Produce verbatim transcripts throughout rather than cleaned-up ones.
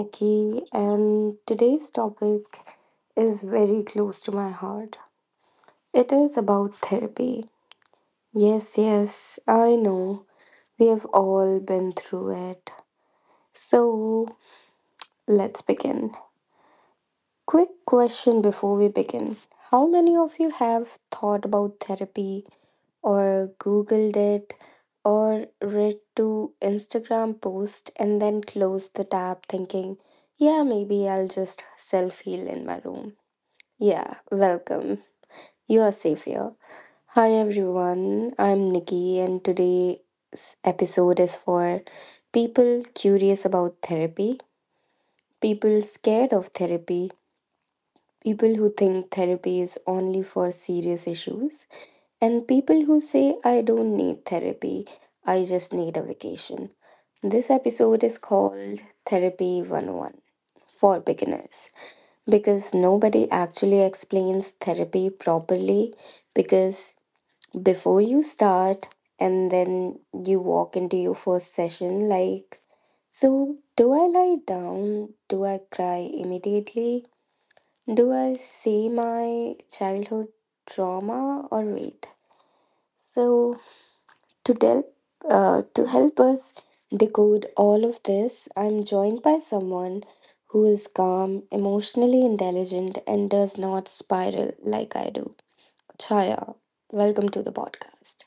Nikki, and today's topic is very close to my heart. It is about therapy. Yes, yes, I know. We have all been through it. So, let's begin. Quick question before we begin. How many of you have thought about therapy, or Googled it, or read two Instagram posts and then closed the tab thinking, yeah, maybe I'll just self heal in my room? Yeah, welcome. You are safe here. Hi everyone, I'm Nikki, and today's episode is for people curious about therapy, people scared of therapy, people who think therapy is only for serious issues, and people who say, I don't need therapy, I just need a vacation. This episode is called Therapy one oh one for beginners, because nobody actually explains therapy properly. Because before you start and then you walk into your first session, like, so do I lie down? Do I cry immediately? Do I see my childhood trauma, or wait? So to del- uh, to help us decode all of this, I'm joined by someone who is calm, emotionally intelligent, and does not spiral like I do. Chaya, welcome to the podcast.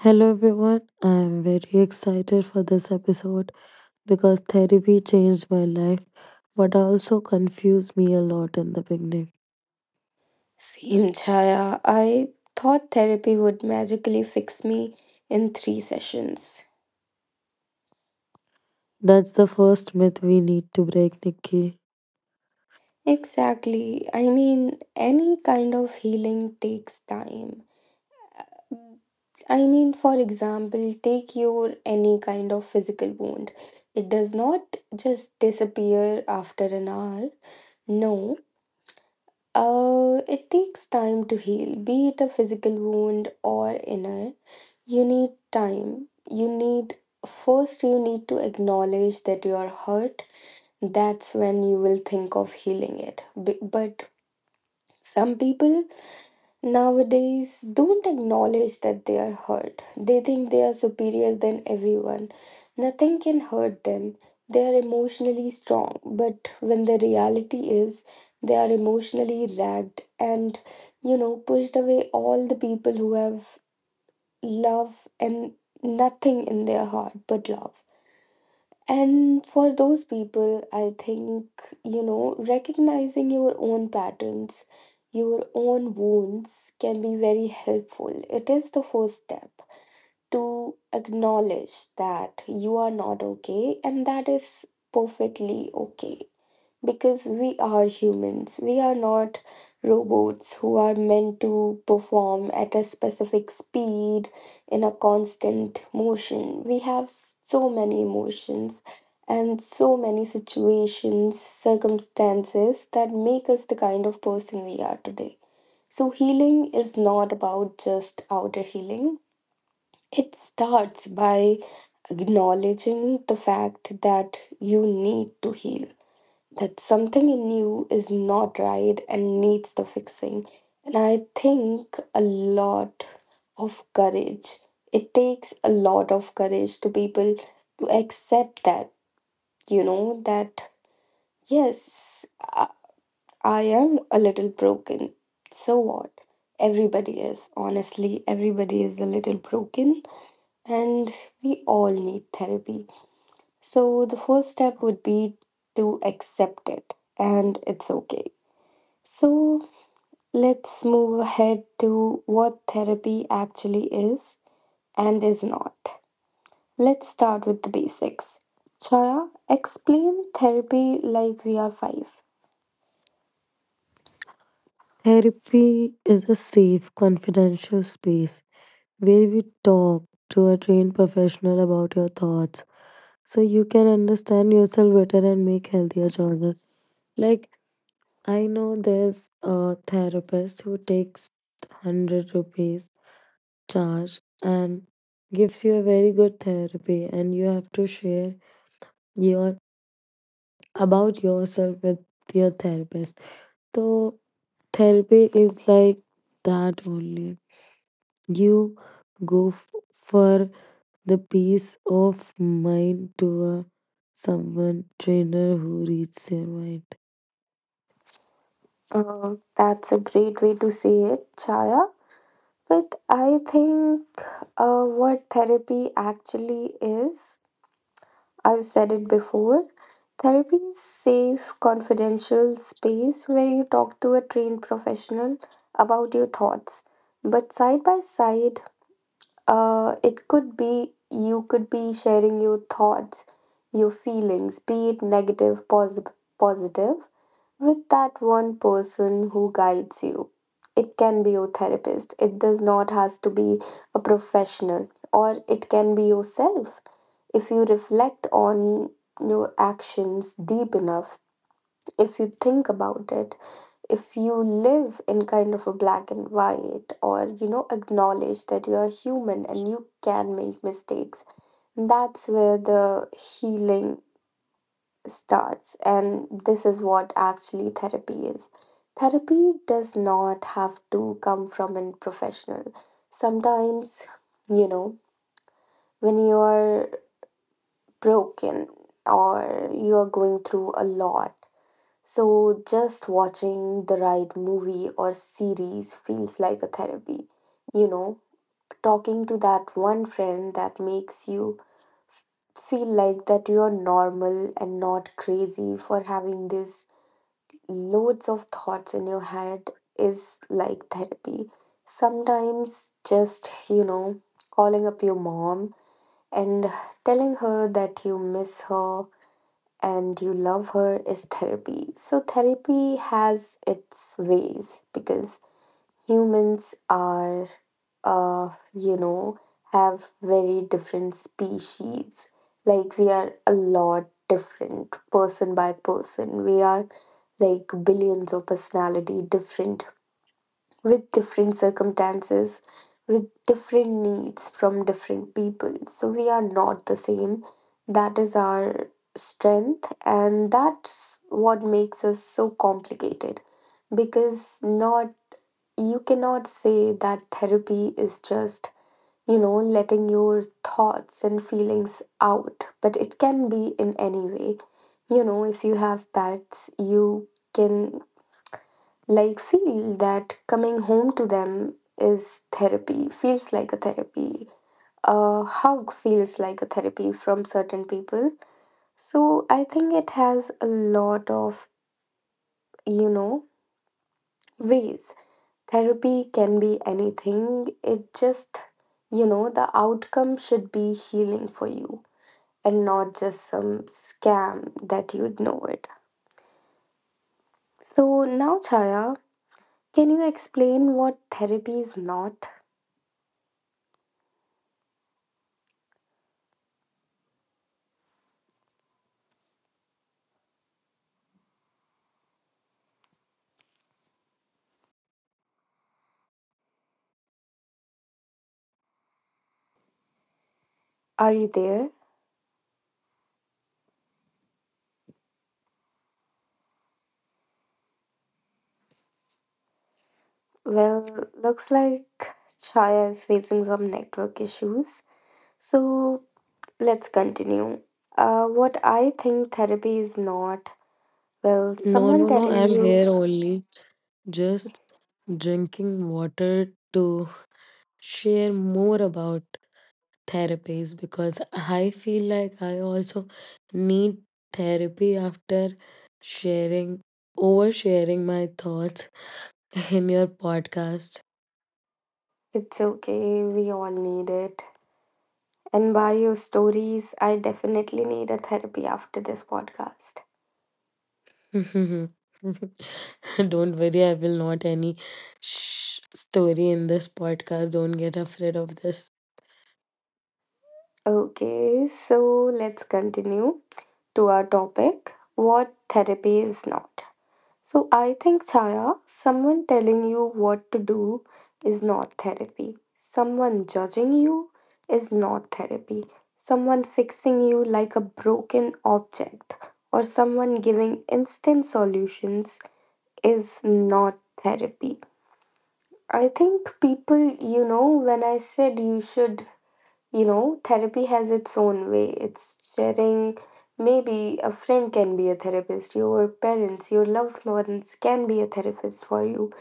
Hello everyone, I am very excited for this episode because therapy changed my life but also confused me a lot in the beginning. Same Chaya, I thought therapy would magically fix me in three sessions. That's the first myth we need to break, Nikki. Exactly. I mean, any kind of healing takes time. I mean, for example, take your any kind of physical wound. It does not just disappear after an hour. No, uh, it takes time to heal, be it a physical wound or inner. You need time. You need, first, you need to acknowledge that you are hurt. That's when you will think of healing it. B- but some people nowadays don't acknowledge that they are hurt. They think they are superior than everyone. Nothing can hurt them. They are emotionally strong, but when the reality is they are emotionally ragged, and, you know, pushed away all the people who have love and nothing in their heart but love. And for those people, I think, you know, recognizing your own patterns, your own wounds can be very helpful. It is the first step to acknowledge that you are not okay, and that is perfectly okay, because we are humans. We are not robots who are meant to perform at a specific speed in a constant motion. We have so many emotions and so many situations, circumstances that make us the kind of person we are today. So, healing is not about just outer healing. It starts by acknowledging the fact that you need to heal, that something in you is not right and needs the fixing. And I think a lot of courage. It takes a lot of courage to people to accept that, you know, that yes, I, I am a little broken. So what? Everybody is. Honestly, everybody is a little broken, and we all need therapy. So, the first step would be to accept it, and it's okay. So let's move ahead to what therapy actually is and is not. Let's start with the basics. Chaya, explain therapy like we are five. Therapy is a safe, confidential space where we talk to a trained professional about your thoughts so you can understand yourself better and make healthier choices. Like, I know there's a therapist who takes hundred rupees charge and gives you a very good therapy, and you have to share your about yourself with your therapist. So therapy is like that only. You go f- for the peace of mind to a someone trainer who reads your mind. Uh, that's a great way to say it, Chaya. But I think uh, what therapy actually is, I've said it before. Therapy is safe, confidential space where you talk to a trained professional about your thoughts. But side by side, uh, it could be you could be sharing your thoughts, your feelings, be it negative, positive, positive, with that one person who guides you. It can be your therapist. It does not has to be a professional, or it can be yourself. If you reflect on your actions deep enough, if you think about it, if you live in kind of a black and white, or you know, acknowledge that you are human and you can make mistakes, that's where the healing starts. And this is what actually therapy is. Therapy does not have to come from a professional. Sometimes, you know, when you are broken or you are going through a lot, so just watching the right movie or series feels like a therapy. You know, talking to that one friend that makes you f- feel like that you are normal and not crazy for having this loads of thoughts in your head is like therapy. Sometimes just, you know, calling up your mom and telling her that you miss her and you love her is therapy. So, therapy has its ways, because humans are, uh, you know, have very different species. Like, we are a lot different person by person. We are like billions of personality different with different circumstances, with different needs from different people. So we are not the same. That is our strength, and that's what makes us so complicated, because not you cannot say that therapy is just, you know, letting your thoughts and feelings out, but it can be in any way. You know, if you have pets, you can like feel that coming home to them is therapy, feels like a therapy. A hug feels like a therapy from certain people. So I think it has a lot of, you know, ways. Therapy can be anything. It just, you know, the outcome should be healing for you and not just some scam that you ignored. So now, Chaya, can you explain what therapy is not? Are you there? Well, looks like Chaya is facing some network issues. So let's continue. Uh, what I think therapy is not, well, No, someone no, no, telling I'm you here only just drinking water to share more about therapies because I feel like I also need therapy after sharing, oversharing my thoughts in your podcast. it's okay, we all need it. And by your stories, I definitely need a therapy after this podcast. Don't worry, I will not any sh- story in this podcast. Don't get afraid of this. Okay, so let's continue to our topic, what therapy is not. So I think, Chaya, someone telling you what to do is not therapy. Someone judging you is not therapy. Someone fixing you like a broken object, or someone giving instant solutions, is not therapy. I think people, you know, when I said, you should, you know, therapy has its own way. It's sharing. Maybe a friend can be a therapist, your parents, your loved ones can be a therapist for you.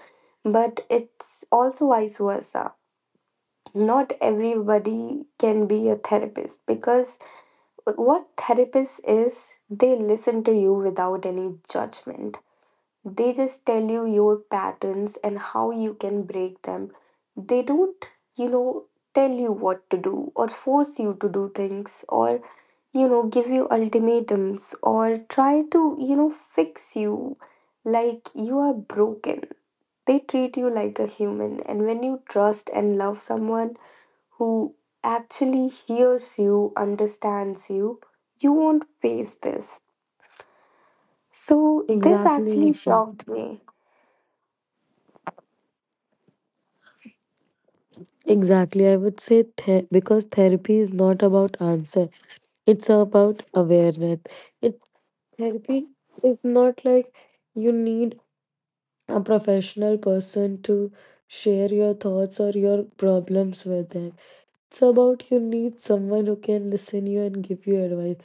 But it's also vice versa. Not everybody can be a therapist, because what therapist is, they listen to you without any judgment. They just tell you your patterns and how you can break them. They don't, you know, tell you what to do, or force you to do things, or, you know, give you ultimatums, or try to, you know, fix you like you are broken. They treat you like a human. And when you trust and love someone who actually hears you, understands you, you won't face this. So, this Exactly. actually Nikki. shocked me. Exactly. I would say the- because therapy is not about answer. It's about awareness. It Therapy is not like you need a professional person to share your thoughts or your problems with them. It's about you need someone who can listen you and give you advice.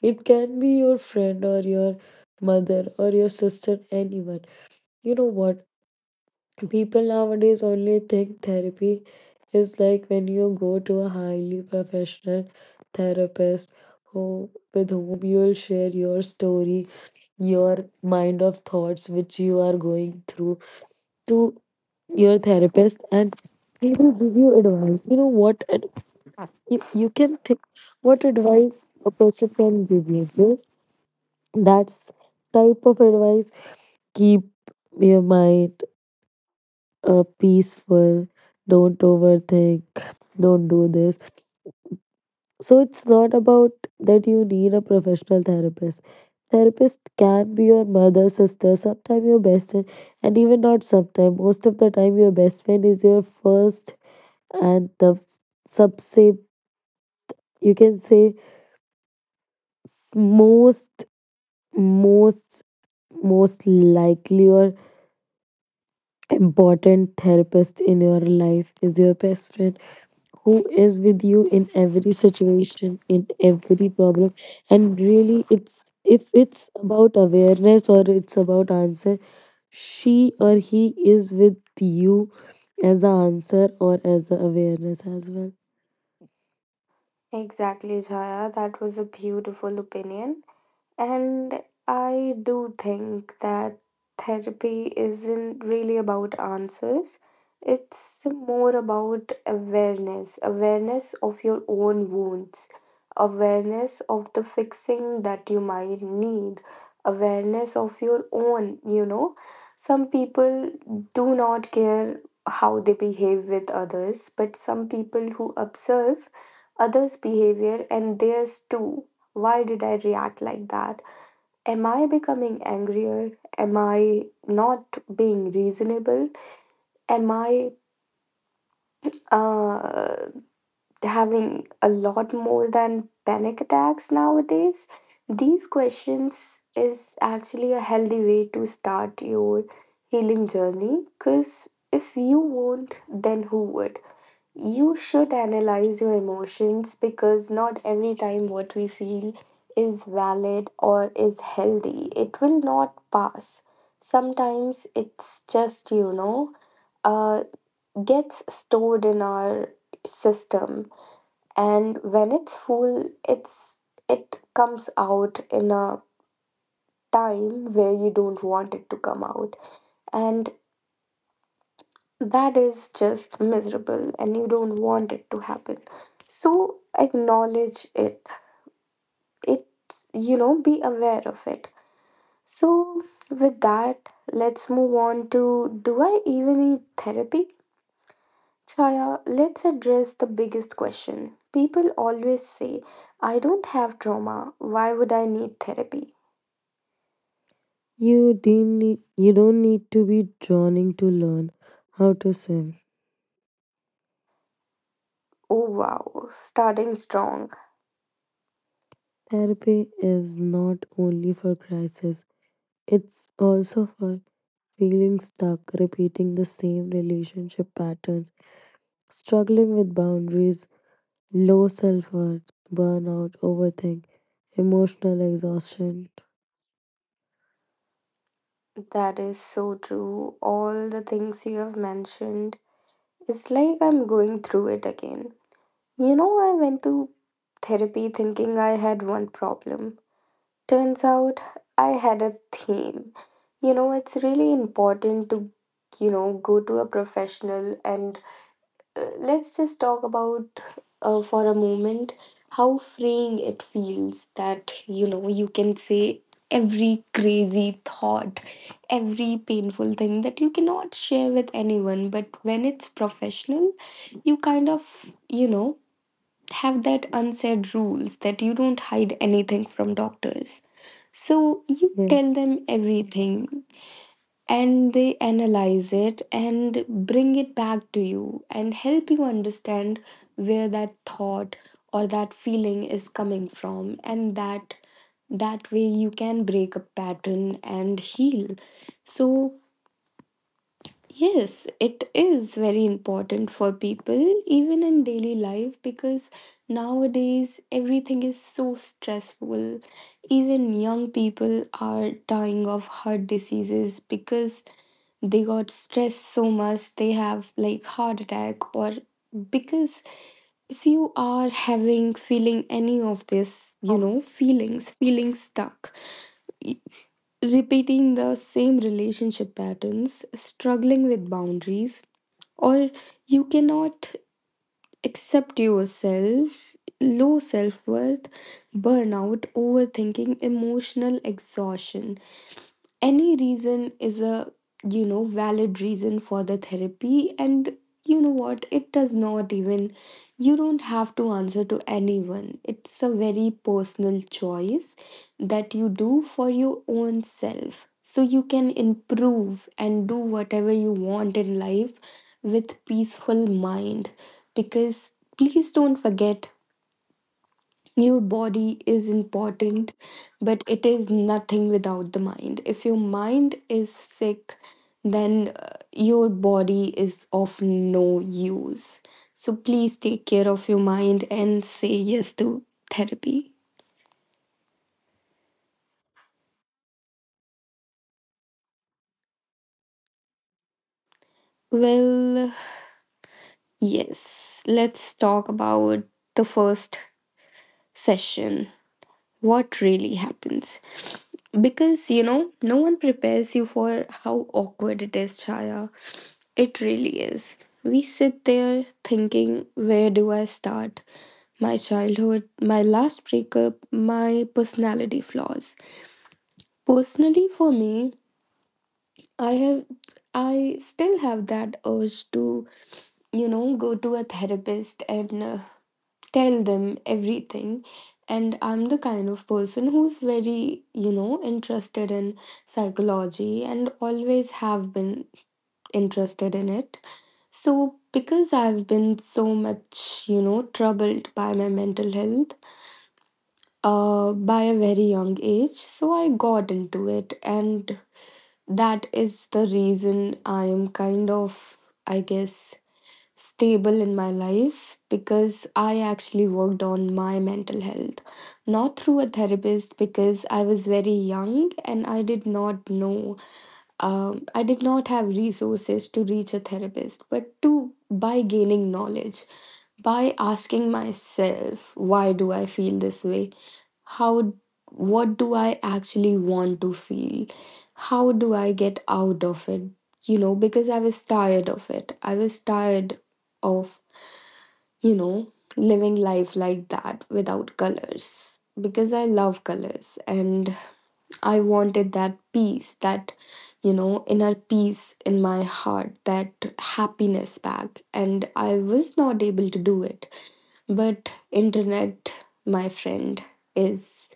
It can be your friend or your mother or your sister, anyone. You know what? People nowadays only think therapy is like when you go to a highly professional therapist who with whom you will share your story, your mind of thoughts which you are going through to your therapist, and he will give you advice. You know what ad- you, you can think what advice a person can give you. Yes, that's type of advice. Keep your mind uh, peaceful. Don't overthink. Don't do this. So it's not about that you need a professional therapist. Therapist can be your mother, sister, sometimes your best friend, and even not sometimes. Most of the time, your best friend is your first and the subset you can say most most most likely or important therapist in your life is your best friend who is with you in every situation, in every problem, and really it's if it's about awareness or it's about answer, she or he is with you as the answer or as the awareness as well. Exactly, Jaya. That was a beautiful opinion. And I do think that therapy isn't really about answers. It's more about awareness, awareness of your own wounds, awareness of the fixing that you might need, awareness of your own, you know. Some people do not care how they behave with others, but some people who observe others' behavior, and theirs too, why did I react like that? Am I becoming angrier? Am I not being reasonable? Am I uh, having a lot more than panic attacks nowadays? These questions is actually a healthy way to start your healing journey, because if you won't, then who would? You should analyze your emotions, because not every time what we feel is valid or is healthy. It will not pass. Sometimes it's just, you know, uh, gets stored in our system, and when it's full, it's it comes out in a time where you don't want it to come out. And that is just miserable, and you don't want it to happen. So acknowledge it. It's, you know, be aware of it. So with that, let's move on to, do I even need therapy? Chaya, let's address the biggest question. People always say, I don't have trauma, why would I need therapy? You didn't need, you don't need to be drowning to learn how to swim. Oh wow, starting strong. Therapy is not only for crisis, it's also for feeling stuck, repeating the same relationship patterns, struggling with boundaries, low self worth, burnout, overthink, emotional exhaustion. That is so true. All the things you have mentioned, it's like I'm going through it again. You know, I went to therapy thinking I had one problem. Turns out I had a theme. You know, it's really important to, you know, go to a professional and uh, let's just talk about uh, for a moment how freeing it feels that you know you can say every crazy thought, every painful thing that you cannot share with anyone. But when it's professional, you kind of, you know, have that unsaid rules that you don't hide anything from doctors. So you tell Yes. them everything and they analyze it and bring it back to you and help you understand where that thought or that feeling is coming from, and that that way you can break a pattern and heal. So yes, it is very important for people, even in daily life, because nowadays everything is so stressful. Even young people are dying of heart diseases because they got stressed so much they have like heart attack. Or because if you are having, feeling any of this, you know, feelings, feeling stuck, y- repeating the same relationship patterns, struggling with boundaries, or you cannot accept yourself, low self-worth, burnout, overthinking, emotional exhaustion, any reason is a, you know, valid reason for the therapy. And you know what, it does not even, you don't have to answer to anyone. It's a very personal choice that you do for your own self, so you can improve and do whatever you want in life with peaceful mind. Because please don't forget, your body is important, but it is nothing without the mind. If your mind is sick, then uh, your body is of no use. So please take care of your mind and say yes to therapy. Well, yes, let's talk about the first session. What really happens? Because, you know, no one prepares you for how awkward it is, Chaya. It really is. We sit there thinking, where do I start? My childhood, my last breakup, my personality flaws. Personally, for me, I have, I still have that urge to, you know, go to a therapist and uh, tell them everything. And I'm the kind of person who's very, you know, interested in psychology and always have been interested in it. So because I've been so much, you know, troubled by my mental health uh by a very young age, so I got into it, and that is the reason I am kind of, I guess, stable in my life, because I actually worked on my mental health. Not through a therapist, because I was very young and I did not know, um, I did not have resources to reach a therapist, but to, by gaining knowledge, by asking myself, why do I feel this way? How, what do I actually want to feel? How do I get out of it? You know, because I was tired of it. I was tired of, you know, living life like that without colors, because I love colors and I wanted that peace, that, you know, inner peace in my heart, that happiness back. And I was not able to do it. But internet, my friend, is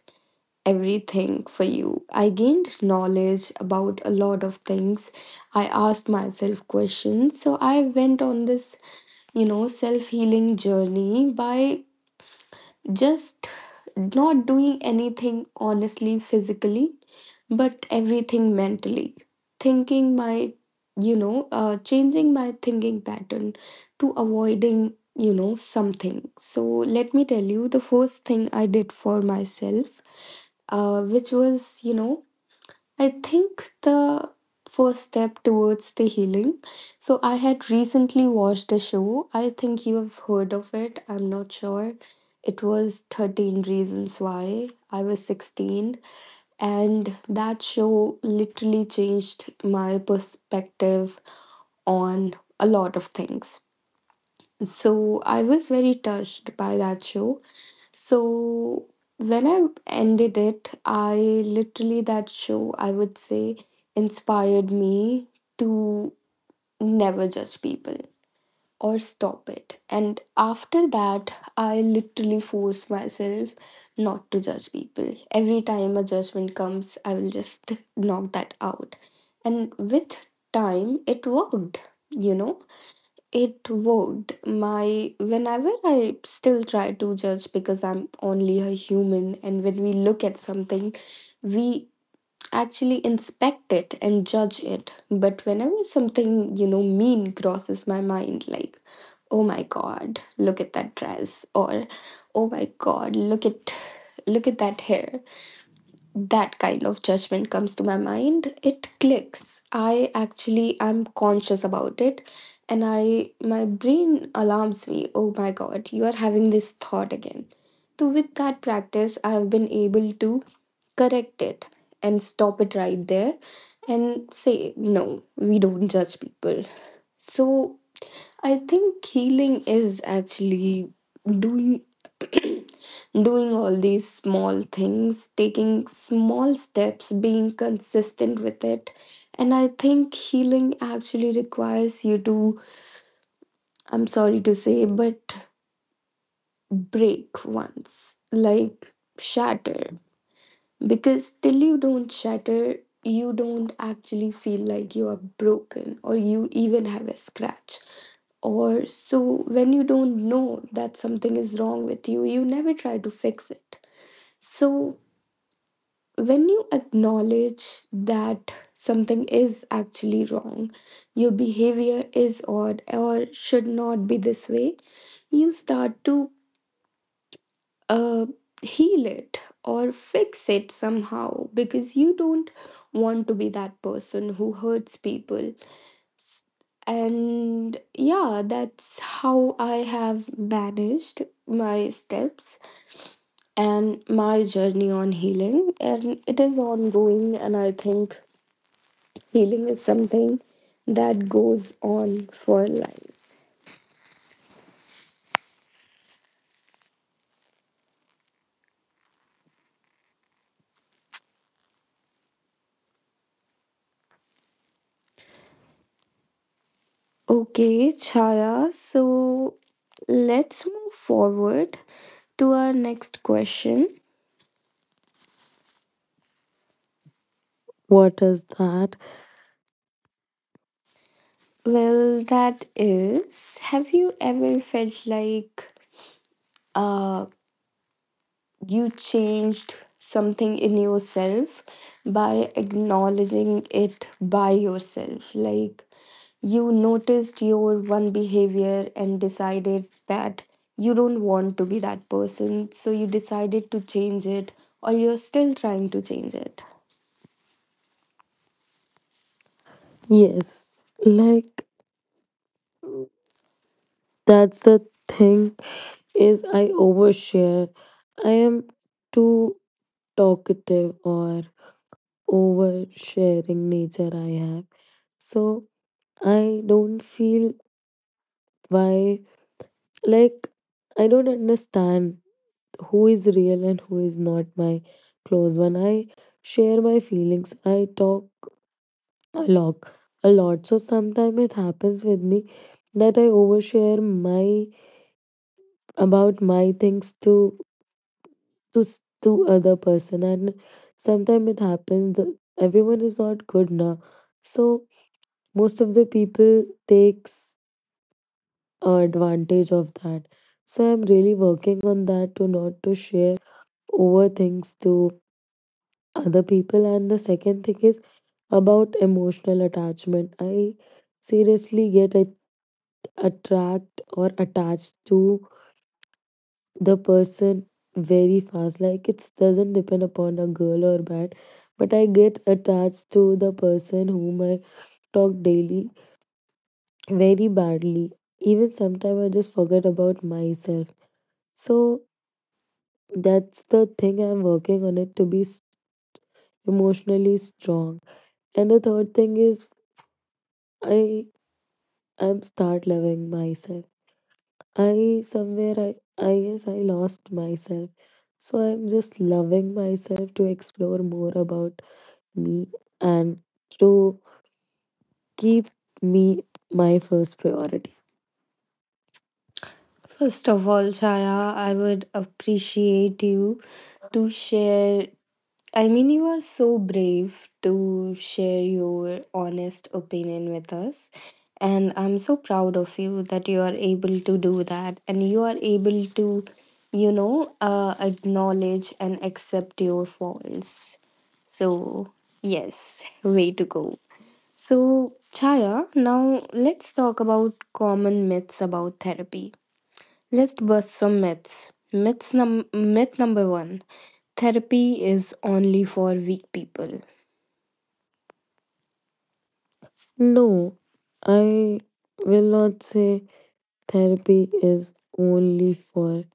everything for you. I gained knowledge about a lot of things. I asked myself questions. So I went on this, you know, self healing journey by just not doing anything, honestly, physically, but everything mentally. Thinking my, you know, uh, changing my thinking pattern, to avoiding, you know, something. So let me tell you the first thing I did for myself, uh, which was, you know, I think the first step towards the healing. So, I had recently watched a show. I think you have heard of it. I'm not sure. It was thirteen Reasons Why. I was sixteen. And that show literally changed my perspective on a lot of things. So, I was very touched by that show. So when I ended it, I literally, that show, I would say, inspired me to never judge people or stop it. And after that, I literally forced myself not to judge people. Every time a judgment comes, I will just knock that out. And with time, it worked. You know, it worked. My Whenever I still try to judge, because I'm only a human, and when we look at something, we actually inspect it and judge it. But whenever something, you know, mean crosses my mind, like, oh my god, look at that dress, or oh my god, look at look at that hair, that kind of judgment comes to my mind, it clicks. I actually am conscious about it, and I, my brain alarms me, oh my god, you are having this thought again. So with that practice, I have been able to correct it and stop it right there and say, no, we don't judge people. So I think healing is actually doing doing all these small things, taking small steps, being consistent with it. And I think healing actually requires you to, I'm sorry to say, but break once, like shatter. Because till you don't shatter, you don't actually feel like you are broken or you even have a scratch, or so. When you don't know that something is wrong with you, you never try to fix it. So when you acknowledge that something is actually wrong, your behavior is odd or should not be this way, you start to uh, heal it or fix it somehow, because you don't want to be that person who hurts people. And yeah, that's how I have managed my steps and my journey on healing. And it is ongoing, and I think healing is something that goes on for life. Okay, Chaya, so let's move forward to our next question. What is that? Well, that is, have you ever felt like uh, you changed something in yourself by acknowledging it by yourself? Like you noticed your one behavior and decided that you don't want to be that person, so you decided to change it, or you're still trying to change it. Yes, like that's the thing is I overshare. I am too talkative or oversharing nature I have. So I don't feel why, like, I don't understand who is real and who is not my close one. I share my feelings. I talk a lot, a lot. So sometimes it happens with me that I overshare my about my things to to s- to other person, and sometimes it happens that everyone is not good now. So most of the people takes uh, advantage of that. So I'm really working on that to not to share over things to other people. And the second thing is about emotional attachment. I seriously get a- attract or attached to the person very fast. Like, it doesn't depend upon a girl or bad, but I get attached to the person whom I talk daily very badly. Even sometimes I just forget about myself. So that's the thing I'm working on it, to be s- emotionally strong. And the third thing is i I'm start loving myself. I somewhere I I guess I lost myself. So I'm just loving myself to explore more about me and to keep me my first priority. First of all, Chaya, I would appreciate you to share. I mean, you are so brave to share your honest opinion with us. And I'm so proud of you that you are able to do that. And you are able to, you know, uh, acknowledge and accept your faults. So, yes, way to go. So, Chaya, now let's talk about common myths about therapy. Let's bust some myths. Myths num- myth number one, therapy is only for weak people. No, I will not say therapy is only for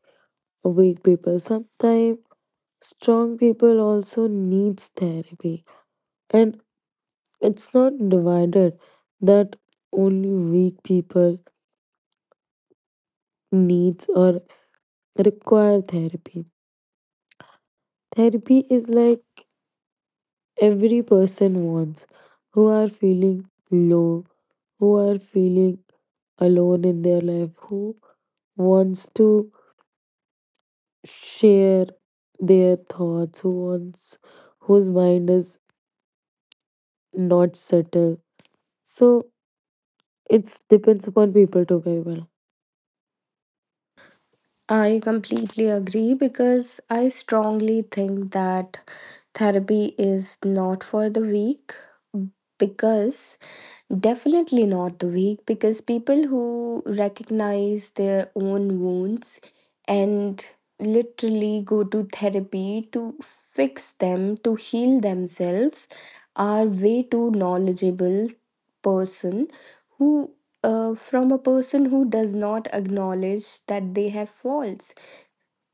weak people. Sometimes strong people also needs therapy. And it's not divided that only weak people needs or require therapy. Therapy is like every person wants, who are feeling low, who are feeling alone in their life, who wants to share their thoughts, who wants, whose mind is not settled. So it depends upon people to people. I completely agree, because I strongly think that therapy is not for the weak. Because definitely not the weak, because people who recognize their own wounds and literally go to therapy to fix them, to heal themselves, are way too knowledgeable person who, uh, from a person who does not acknowledge that they have faults.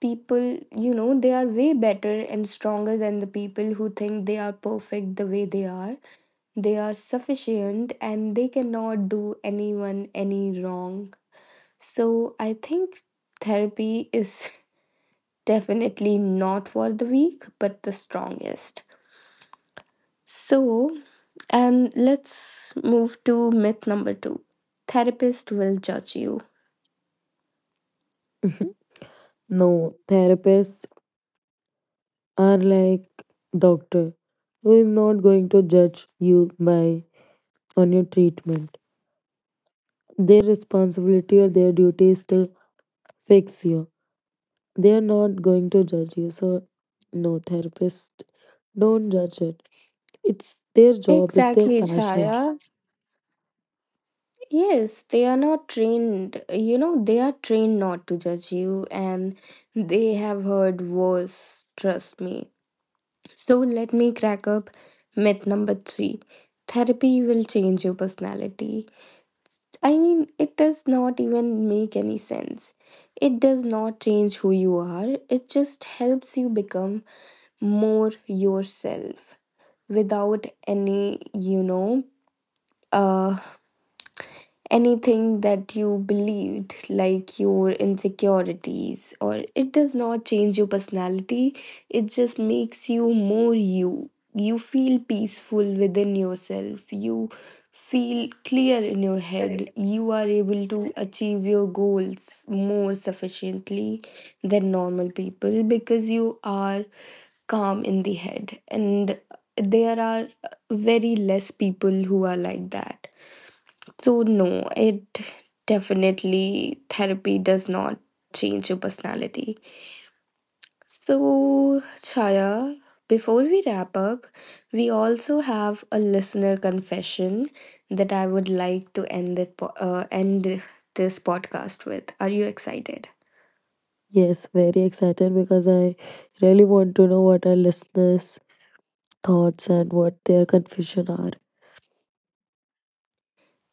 People, you know, they are way better and stronger than the people who think they are perfect the way they are, they are sufficient, and they cannot do anyone any wrong. So I think therapy is definitely not for the weak, but the strongest. So, and let's move to myth number two, therapist will judge you. No, therapists are like doctor who is not going to judge you by on your treatment. Their responsibility or their duty is to fix you. They are not going to judge you. So, no, therapist, don't judge it. It's their job, it's their Exactly, passion. Chaya. Yes, they are not trained. You know, they are trained not to judge you, and they have heard worse, trust me. So let me crack up myth number three, therapy will change your personality. I mean, it does not even make any sense. It does not change who you are, it just helps you become more yourself without any, you know, uh. anything that you believed, like your insecurities, or it does not change your personality. It just makes you more you. You feel peaceful within yourself. You feel clear in your head. You are able to achieve your goals more sufficiently than normal people because you are calm in the head. And there are very less people who are like that. So no, it definitely, therapy does not change your personality. So Chaya, before we wrap up, we also have a listener confession that I would like to end it po- uh, end this podcast with. Are you excited? Yes, very excited because I really want to know what our listeners' thoughts and what their confusion are.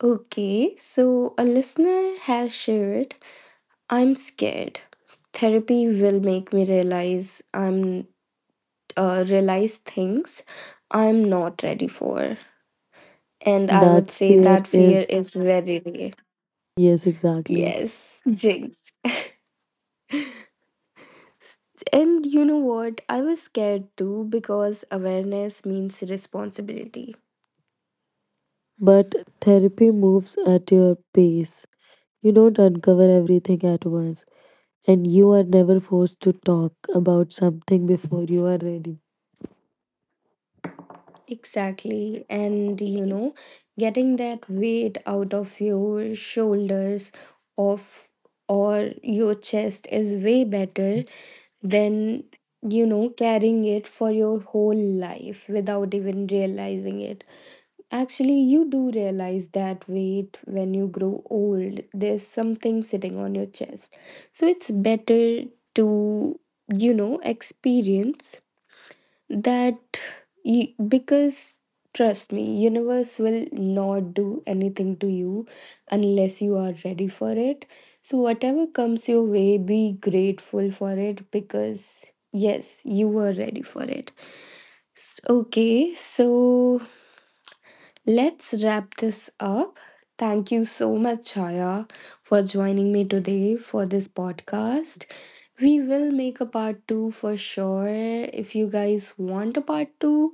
Okay, so a listener has shared, I'm scared. Therapy will make me realize I'm uh, realize things I'm not ready for. And I That would say sphere that fear is, is very real. yes, exactly. Yes, jinx. And you know what? I was scared too, because awareness means responsibility. But therapy moves at your pace. You don't uncover everything at once, and you are never forced to talk about something before you are ready. Exactly. And you know, getting that weight out of your shoulders of or your chest is way better than, you know, carrying it for your whole life without even realizing it. Actually, you do realize that weight when you grow old. There's something sitting on your chest. So it's better to, you know, experience that. You, because trust me, universe will not do anything to you unless you are ready for it. So whatever comes your way, be grateful for it, because yes, you were ready for it. S- okay, so let's wrap this up. Thank you so much, Chaya, for joining me today for this podcast. We will make a part two for sure. If you guys want a part two,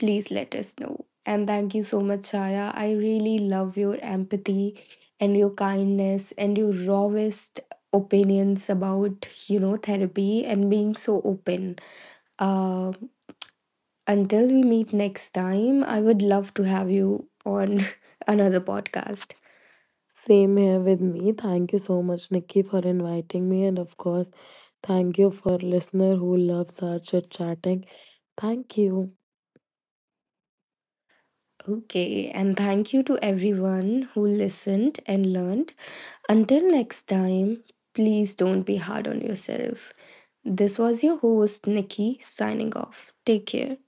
please let us know. And thank you so much, Chaya. I really love your empathy and your kindness and your rawest opinions about, you know, therapy and being so open. Uh, until we meet next time, I would love to have you on another podcast. Same here with me. Thank you so much, Nikki, for inviting me. And of course, thank you for listener who loves such a chatting. Thank you. Okay, and thank you to everyone who listened and learned. Until next time, please don't be hard on yourself. This was your host, Nikki, signing off. Take care.